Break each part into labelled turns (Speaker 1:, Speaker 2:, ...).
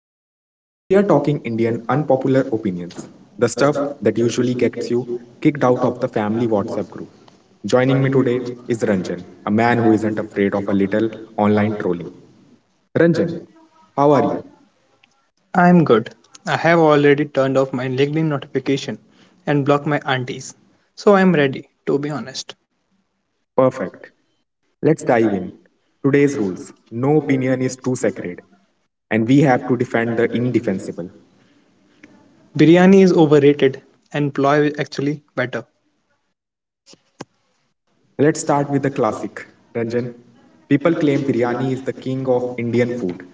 Speaker 1: window. We are talking Indian unpopular opinions, the stuff that usually gets you kicked out of the family WhatsApp group. Joining me today is Ranjan, a man who isn't afraid of a little online trolling. Ranjan, how are you?
Speaker 2: I am good. I have already turned off my LinkedIn notification and blocked my aunties. So I am ready, to be honest.
Speaker 1: Perfect. Let's dive in. Today's rules, no opinion is too sacred, and we have to defend the indefensible.
Speaker 2: Biryani is overrated and pulao is actually better.
Speaker 1: Let's start with the classic, Ranjan. People claim biryani is the king of Indian food,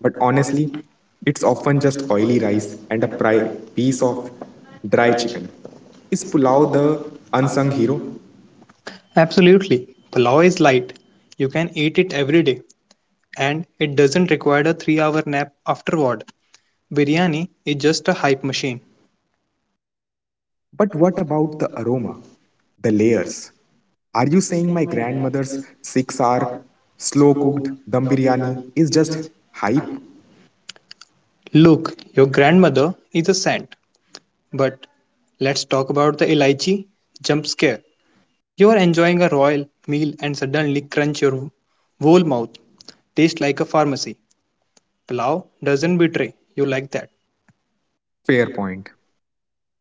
Speaker 1: but honestly, it's often just oily rice and a piece of dry chicken. Is pulao the unsung hero?
Speaker 2: Absolutely. Pulao is light. You can eat it every day and it doesn't require a 3-hour nap afterward. Biryani is just a hype machine.
Speaker 1: But what about the aroma, the layers? Are you saying my grandmother's 6 hour slow cooked dum biryani is just hype?
Speaker 2: Look, your grandmother is a saint. But let's talk about the elaichi jump scare. You are enjoying a royal meal and suddenly crunch your whole mouth. Tastes like a pharmacy. Pulao doesn't betray you like that.
Speaker 1: Fair point.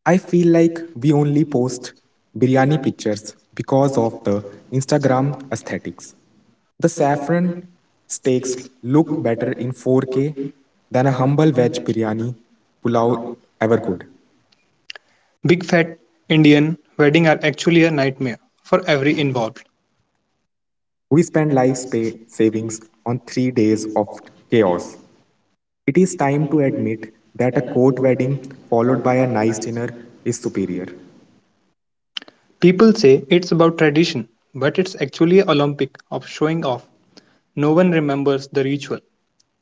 Speaker 1: I feel like we only post biryani pictures because of the Instagram aesthetics. The saffron steaks look better in 4K than a humble veg biryani pulao ever could.
Speaker 2: Big fat Indian weddings are actually a nightmare for every involved.
Speaker 1: We spend life's pay savings on 3 days of chaos. It is time to admit that a court wedding followed by a nice dinner is superior.
Speaker 2: People say it's about tradition, but it's actually a Olympic of showing off. No one remembers the ritual.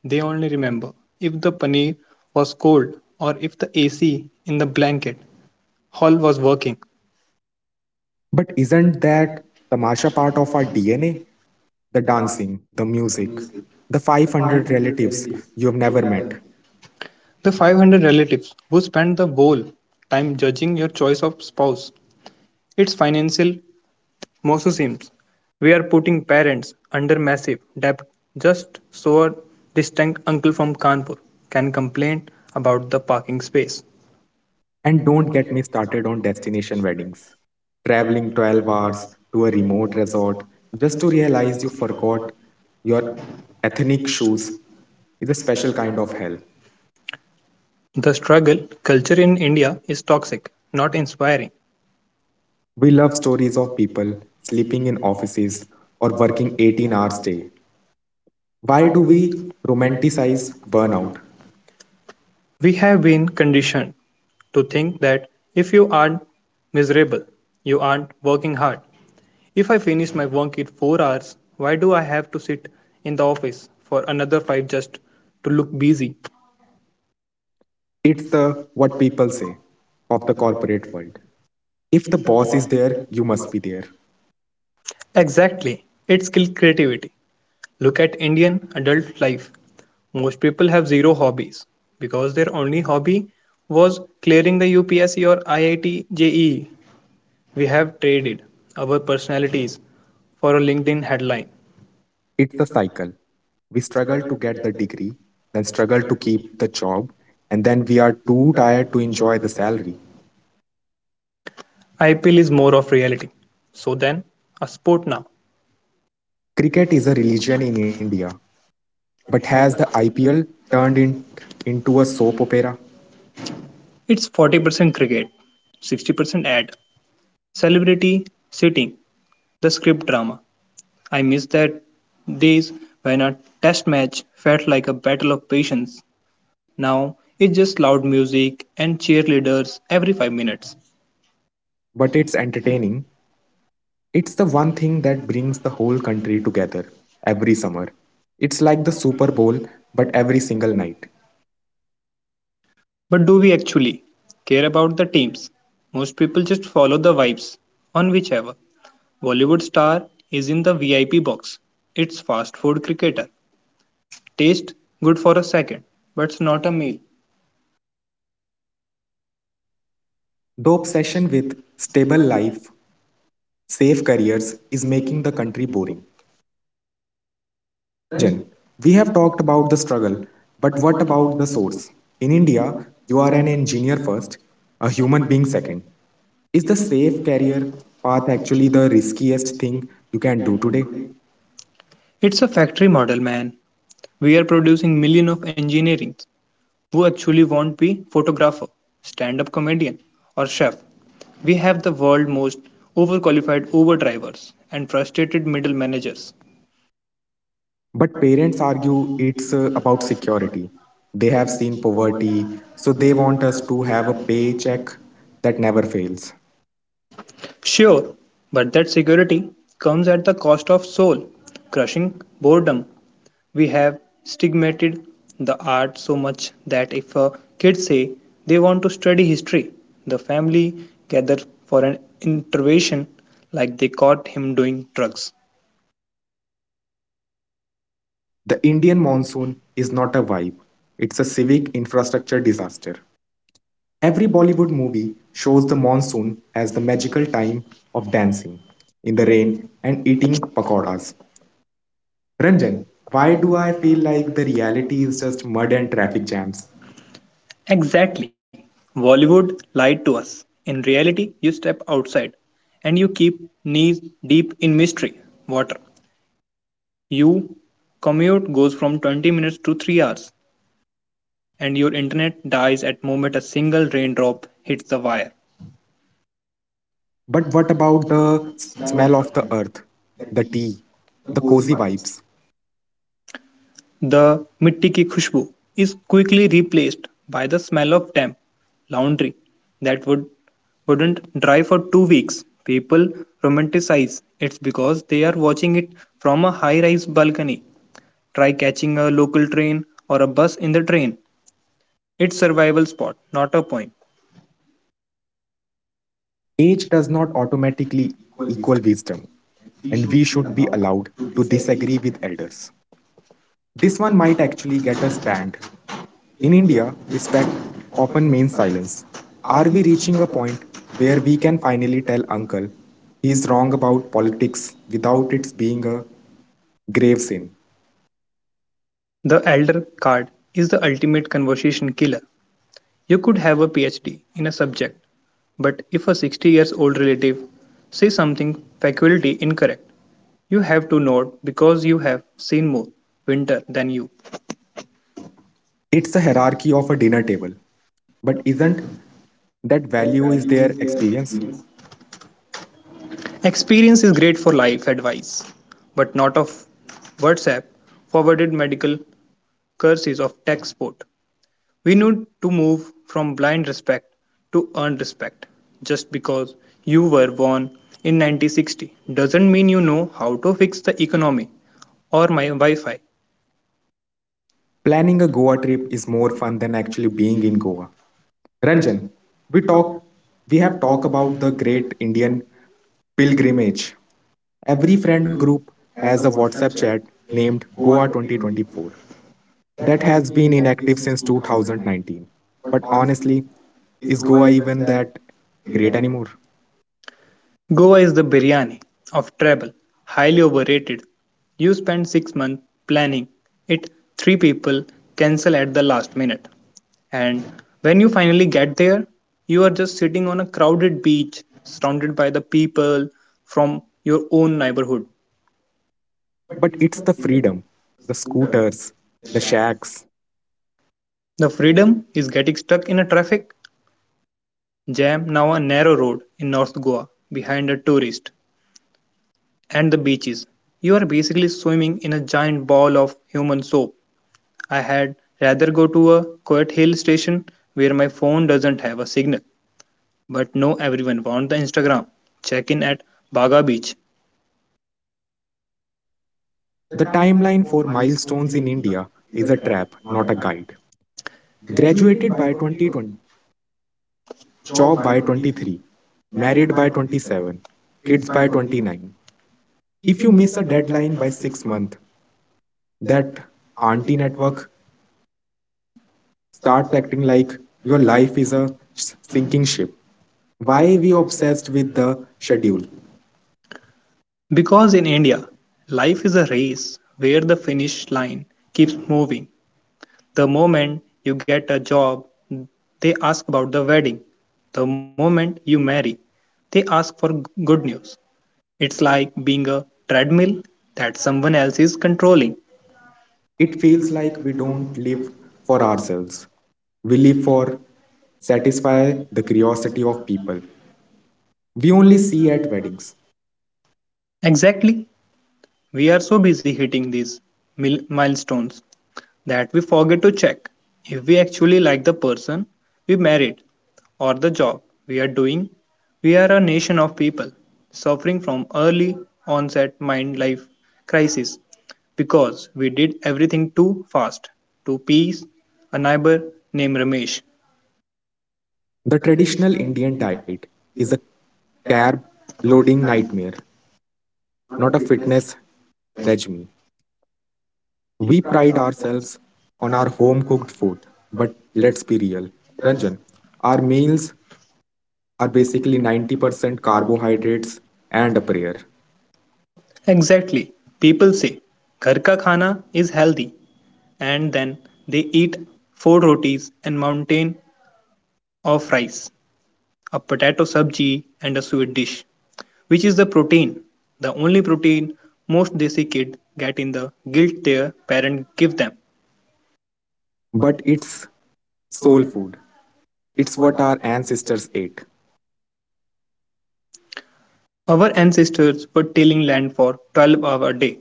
Speaker 2: They only remember if the paneer was cold or if the AC in the blanket hall was working.
Speaker 1: But isn't that the Masha part of our DNA? The dancing, the music, the 500 relatives you have never met.
Speaker 2: The 500 relatives who spend the whole time judging your choice of spouse. It's financial mosuism. We are putting parents under massive debt just so a distant uncle from Kanpur can complain about the parking space.
Speaker 1: And don't get me started on destination weddings. Traveling 12 hours to a remote resort just to realize you forgot your ethnic shoes is a special kind of hell.
Speaker 2: The struggle culture in India is toxic, not inspiring.
Speaker 1: We love stories of people sleeping in offices or working 18 hours a day. Why do we romanticize burnout?
Speaker 2: We have been conditioned to think that if you aren't miserable, you aren't working hard. If I finish my work in 4 hours, why do I have to sit in the office for another five just to look busy?
Speaker 1: It's the what people say of the corporate world. If the boss is there, you must be there.
Speaker 2: Exactly, it's skilled creativity. Look at Indian adult life. Most people have zero hobbies because their only hobby was clearing the UPSC or IIT JEE. We have traded our personalities for a LinkedIn headline.
Speaker 1: It's a cycle. We struggle to get the degree, then struggle to keep the job, and then we are too tired to enjoy the salary.
Speaker 2: IPL is more of reality. So then, a sport now.
Speaker 1: Cricket is a religion in India, but has the IPL turned in, into a soap opera?
Speaker 2: It's 40% cricket, 60% ad, celebrity sitting, the script drama. I miss that days when a test match felt like a battle of patience. Now it's just loud music and cheerleaders every 5 minutes.
Speaker 1: But it's entertaining. It's the one thing that brings the whole country together every summer. It's like the Super Bowl, but every single night.
Speaker 2: But do we actually care about the teams? Most people just follow the vibes on whichever Bollywood star is in the VIP box. It's fast food cricketer. Taste good for a second, but it's not a meal.
Speaker 1: The obsession with stable life, safe careers is making the country boring. Ranjan, we have talked about the struggle, but what about the source? In India, you are an engineer first, a human being second. Is the safe career path actually the riskiest thing you can do today?
Speaker 2: It's a factory model, man. We are producing millions of engineers, who actually won't be photographer, stand-up comedian, or chef. We have the world's most overqualified Uber drivers and frustrated middle managers.
Speaker 1: But parents argue it's about security. They have seen poverty, so they want us to have a paycheck that never fails.
Speaker 2: Sure, but that security comes at the cost of soul, crushing boredom. We have stigmatized the art so much that if a kid say they want to study history, the family gathers for an intervention like they caught him doing drugs.
Speaker 1: The Indian monsoon is not a vibe, it's a civic infrastructure disaster. Every Bollywood movie shows the monsoon as the magical time of dancing in the rain and eating pakoras. Ranjan, why do I feel like the reality is just mud and traffic jams?
Speaker 2: Exactly. Bollywood lied to us. In reality, you step outside and you keep knees deep in mystery water. You commute goes from 20 minutes to 3 hours and your internet dies at moment a single raindrop hits the wire.
Speaker 1: But what about the smell of the earth, the tea, the cozy vibes?
Speaker 2: The mitti ki khushboo is quickly replaced by the smell of damp laundry that wouldn't dry for 2 weeks. People romanticize it because they are watching it from a high-rise balcony. Try catching a local train or a bus in the train. It's survival spot, not a point.
Speaker 1: Age does not automatically equal wisdom, and we should be allowed to disagree with elders. This one might actually get us banned. In India, respect often means silence. Are we reaching a point where we can finally tell uncle he's wrong about politics without it being a grave sin?
Speaker 2: The elder card is the ultimate conversation killer. You could have a PhD in a subject, but if a 60 years old relative says something faculty incorrect, you have to nod because you have seen more winter than you.
Speaker 1: It's the hierarchy of a dinner table, but isn't that value is their experience?
Speaker 2: Experience is great for life advice, but not of WhatsApp forwarded medical curses of tech support. We need to move from blind respect to earned respect. Just because you were born in 1960 doesn't mean you know how to fix the economy or my Wi Fi
Speaker 1: Planning a Goa trip is more fun than actually being in Goa. Ranjan, we talk we have talked about the great Indian pilgrimage. Every friend group has a WhatsApp chat named Goa 2024 that has been inactive since 2019. But honestly, is Goa even that great anymore?
Speaker 2: Goa is the biryani of travel, highly overrated. You spend 6 months planning it, three people cancel at the last minute. And when you finally get there, you are just sitting on a crowded beach surrounded by the people from your own neighborhood.
Speaker 1: But it's the freedom, the scooters, the shacks.
Speaker 2: The freedom is getting stuck in a traffic jam now a narrow road in North Goa behind a tourist and the beaches. You are basically swimming in a giant ball of human soap. I had rather go to a quiet hill station where my phone doesn't have a signal. But no, everyone wants the Instagram check in at Baga Beach.
Speaker 1: The timeline for milestones in India is a trap, not a guide. Graduated by 2020, job by 23, married by 27, kids by 29. If you miss a deadline by 6 months, that auntie network starts acting like your life is a sinking ship. Why we obsessed with the schedule?
Speaker 2: Because in India, life is a race where the finish line keeps moving. The moment you get a job, they ask about the wedding. The moment you marry, they ask for good news. It's like being a treadmill that someone else is controlling.
Speaker 1: It feels like we don't live for ourselves. We live for satisfy the curiosity of people. We only see at weddings.
Speaker 2: Exactly, we are so busy hitting these milestones that we forget to check if we actually like the person we married or the job we are doing. We are a nation of people suffering from early onset mind life crisis because we did everything too fast to please a neighbor named Ramesh.
Speaker 1: The traditional Indian diet is a carb loading nightmare, not a fitness regime. We pride ourselves on our home cooked food, but let's be real. Ranjan, our meals are basically 90% carbohydrates and a prayer.
Speaker 2: Exactly. People say, "घर का खाना is healthy and then they eat four rotis and mountain of rice, a potato sabji, and a sweet dish, which is the protein, the only protein most desi kid get in the guilt their parent give them.
Speaker 1: But it's soul food. It's what our ancestors ate.
Speaker 2: Our ancestors were tilling land for 12 hours a day.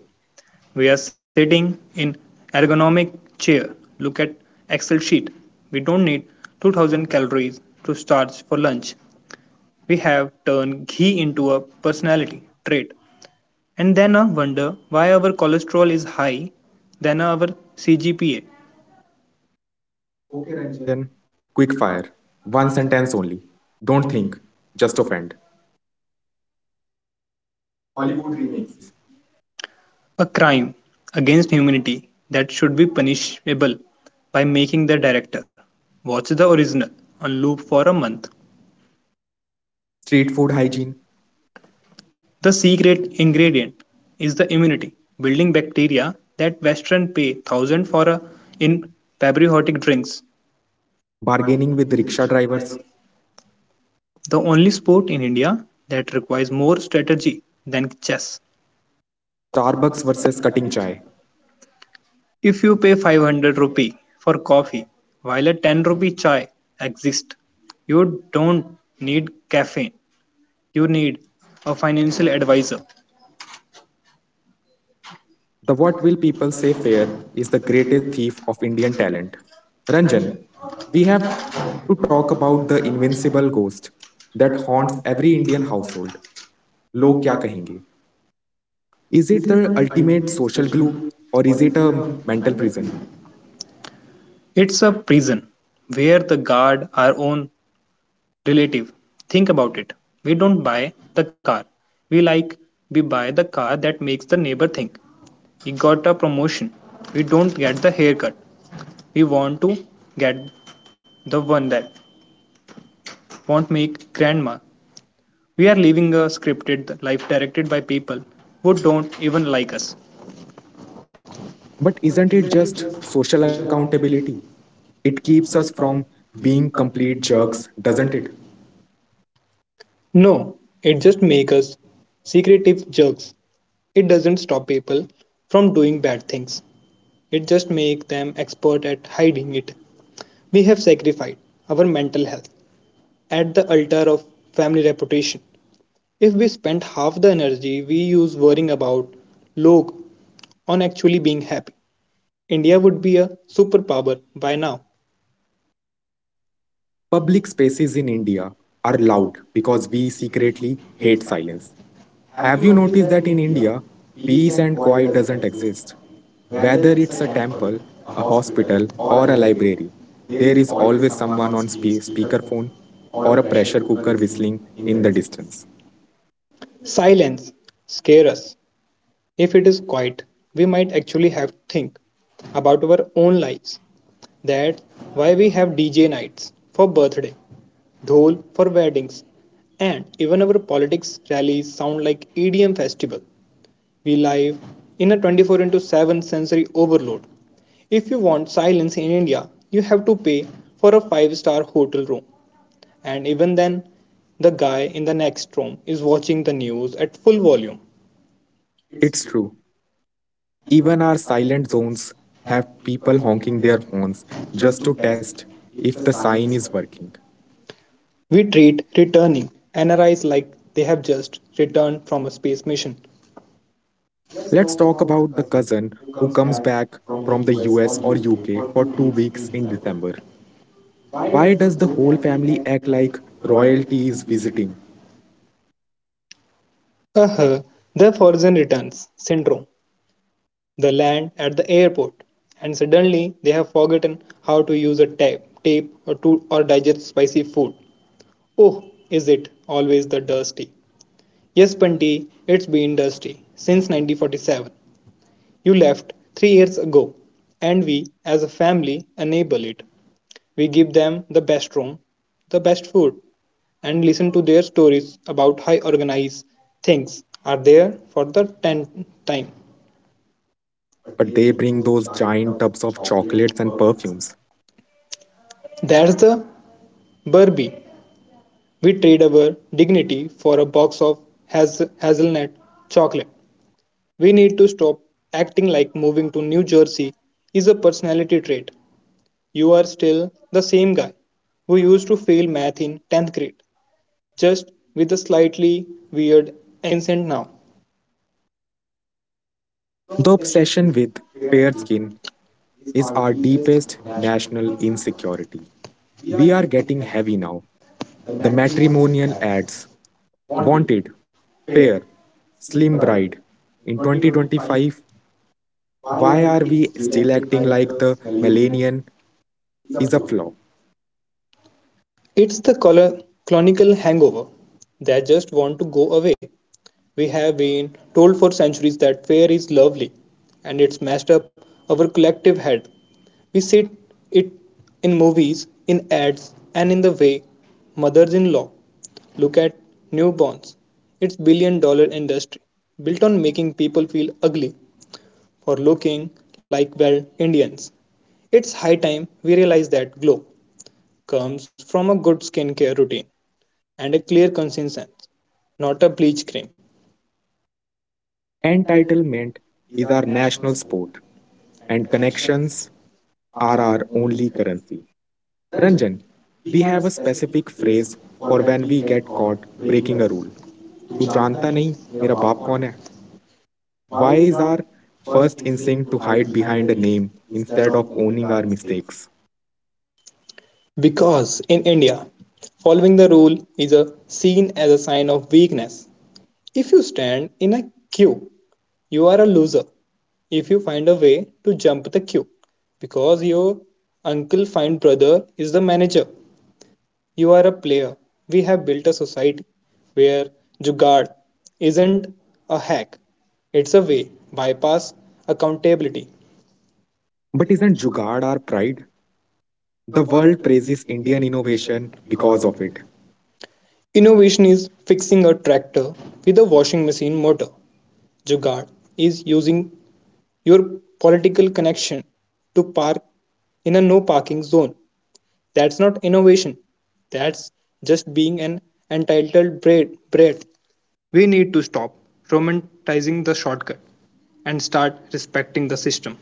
Speaker 2: We are sitting in ergonomic chair. Look at Excel sheet. We don't need 2000 calories to starch for lunch. We have turned ghee into a personality trait. And then I wonder why our cholesterol is high than our CGPA.
Speaker 1: Okay, Ranjan. Quick fire. One sentence only. Don't think. Just offend. Hollywood remakes.
Speaker 2: A crime against humanity that should be punishable by making the director watch the original on loop for a month.
Speaker 1: Street food hygiene.
Speaker 2: The secret ingredient is the immunity building bacteria that Western pay thousand for a, in patriotic drinks.
Speaker 1: Bargaining with rickshaw drivers.
Speaker 2: The only sport in India that requires more strategy than chess.
Speaker 1: Starbucks versus cutting chai.
Speaker 2: If you pay 500 rupee for coffee while a 10 rupee chai exists, you don't need caffeine. You need a financial advisor.
Speaker 1: The what will people say fair is the greatest thief of Indian talent. Ranjan, we have to talk about the invincible ghost that haunts every Indian household. Log kya kahenge? Is it the ultimate social glue, or is it a mental prison?
Speaker 2: It's a prison where the guard our own relative. Think about it. We don't buy the car. We like we buy the car that makes the neighbor think he got a promotion. We don't get the haircut. We want to get the one that won't make grandma. We are living a scripted life directed by people who don't even like us.
Speaker 1: But isn't it just social accountability? It keeps us from being complete jerks, doesn't it?
Speaker 2: No, it just makes us secretive jerks. It doesn't stop people from doing bad things. It just makes them expert at hiding it. We have sacrificed our mental health at the altar of family reputation. If we spent half the energy we use worrying about log on actually being happy, India would be a superpower by now.
Speaker 1: Public spaces in India are loud because we secretly hate silence. Have you noticed that in India, peace and quiet doesn't exist? Whether it's a temple, a hospital, or a library, there is always someone on speakerphone or a pressure cooker whistling in the distance.
Speaker 2: Silence scare us. If it is quiet, we might actually have to think about our own lives. That's why we have DJ nights for birthday, dhol for weddings, and even our politics rallies sound like EDM festival. We live in a 24 into 7 sensory overload. If you want silence in India, you have to pay for a 5-star hotel room. And even then, the guy in the next room is watching the news at full volume.
Speaker 1: It's true. Even our silent zones have people honking their horns just to test if the sign is working.
Speaker 2: We treat returning NRIs like they have just returned from a space mission.
Speaker 1: Let's talk about the cousin who comes back from the US or UK for 2 weeks in December. Why does the whole family act like royalty is visiting,
Speaker 2: Uh-huh, the Forgotten Returns syndrome. They land at the airport and suddenly they have forgotten how to use a tape or digest spicy food. Oh, is it always the dusty? Yes, Panti, it's been dusty since 1947. You left 3 years ago, and we as a family enable it. We give them the best room, the best food, and listen to their stories about how organized things are there for the tenth time.
Speaker 1: but they bring those giant tubs of chocolates and perfumes?
Speaker 2: That's the Barbie. We trade our dignity for a box of hazelnut chocolate. We need to stop acting like moving to New Jersey is a personality trait. You are still the same guy who used to fail math in 10th grade, just with a slightly weird accent now.
Speaker 1: The obsession with fair skin is our deepest national insecurity. We are getting heavy now. The matrimonial ads wanted fair, slim bride. In 2025, why are we still acting like the millennium is a flaw?
Speaker 2: It's the colonial hangover that just want to go away. We have been told for centuries that fair is lovely, and it's messed up our collective head. We see it in movies, in ads, and in the way mothers in law look at newborns. It's billion dollar industry built on making people feel ugly for looking like well Indians. It's high time we realize that glow comes from a good skincare routine and a clear conscience, not a bleach cream.
Speaker 1: Entitlement is our national sport, and connections are our only currency. Ranjan, we have a specific phrase for when we get caught breaking a rule. तू जानता नहीं मेरा बाप कौन है? Why is our first instinct to hide behind a name instead of owning our mistakes?
Speaker 2: Because in India, following the rule is seen as a sign of weakness. If you stand in a queue, you are a loser. If you find a way to jump the queue, because your uncle find brother is the manager. You are a player. We have built a society where Jugaad isn't a hack, it's a way bypass accountability.
Speaker 1: But isn't Jugaad our pride? The world praises Indian innovation because of it.
Speaker 2: Innovation is fixing a tractor with a washing machine motor. Jugaad is using your political connection to park in a no parking zone. That's not innovation. That's just being an entitled brat. We need to stop romanticizing the shortcut and start respecting the system.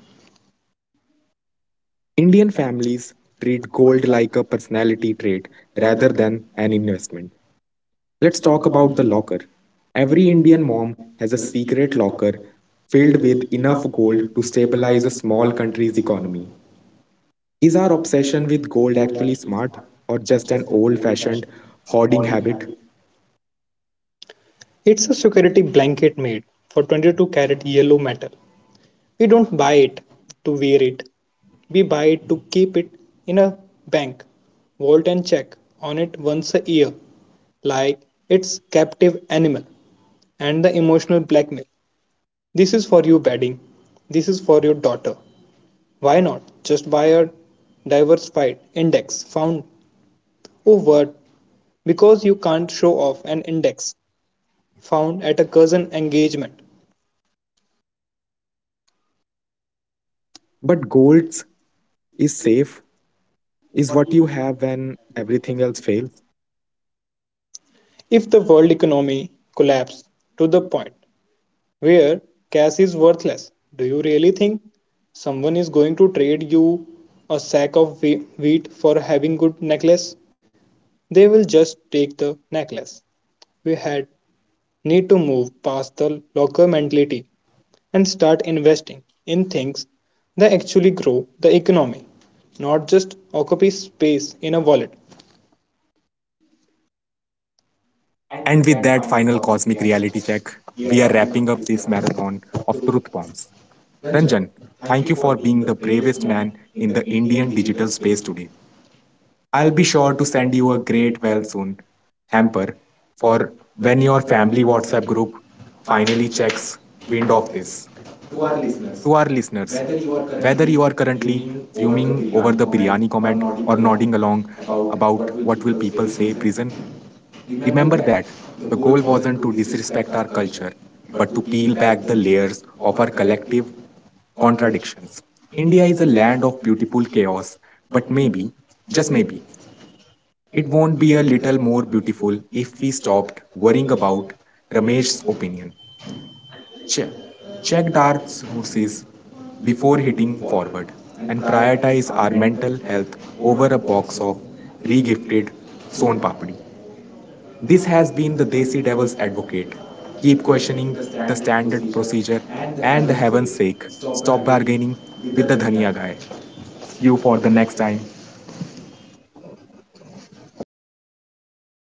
Speaker 1: Indian families treat gold like a personality trait rather than an investment. Let's talk about the locker. Every Indian mom has a secret locker filled with enough gold to stabilize a small country's economy. Is our obsession with gold actually smart, or just an old fashioned hoarding habit?
Speaker 2: It's a security blanket made for 22 karat yellow metal. We don't buy it to wear it. We buy it to keep it in a bank, vault and check on it once a year, like its captive animal. And the emotional blackmail. This is for you, bedding. This is for your daughter. Why not just buy a diversified index found? Oh, what? Because you can't show off an index found at a cousin engagement.
Speaker 1: But gold is safe, is what you have when everything else fails.
Speaker 2: If the world economy collapsed to the point where cash is worthless, do you really think someone is going to trade you a sack of wheat for having good necklace? They will just take the necklace. We had need to move past the locker mentality and start investing in things that actually grow the economy, not just occupy space in a wallet.
Speaker 1: And with that final cosmic reality check, we are wrapping up this marathon of truth bombs. Ranjan, thank you for being the bravest man in the Indian digital space today. I'll be sure to send you a great well soon hamper for when your family WhatsApp group finally checks wind of this. To our listeners, whether you are currently fuming over the biryani comment or nodding along about what will people say prison, remember that the goal wasn't to disrespect our culture, but to peel back the layers of our collective contradictions. India is a land of beautiful chaos, but maybe, just maybe, it won't be a little more beautiful if we stopped worrying about Ramesh's opinion. Che- Checked our sources before hitting forward and prioritize our mental health over a box of regifted Son Papdi. This has been the Desi Devil's Advocate. Keep questioning the standard procedure, and the heaven's sake, stop bargaining with the Dhania guy. See you for the next time.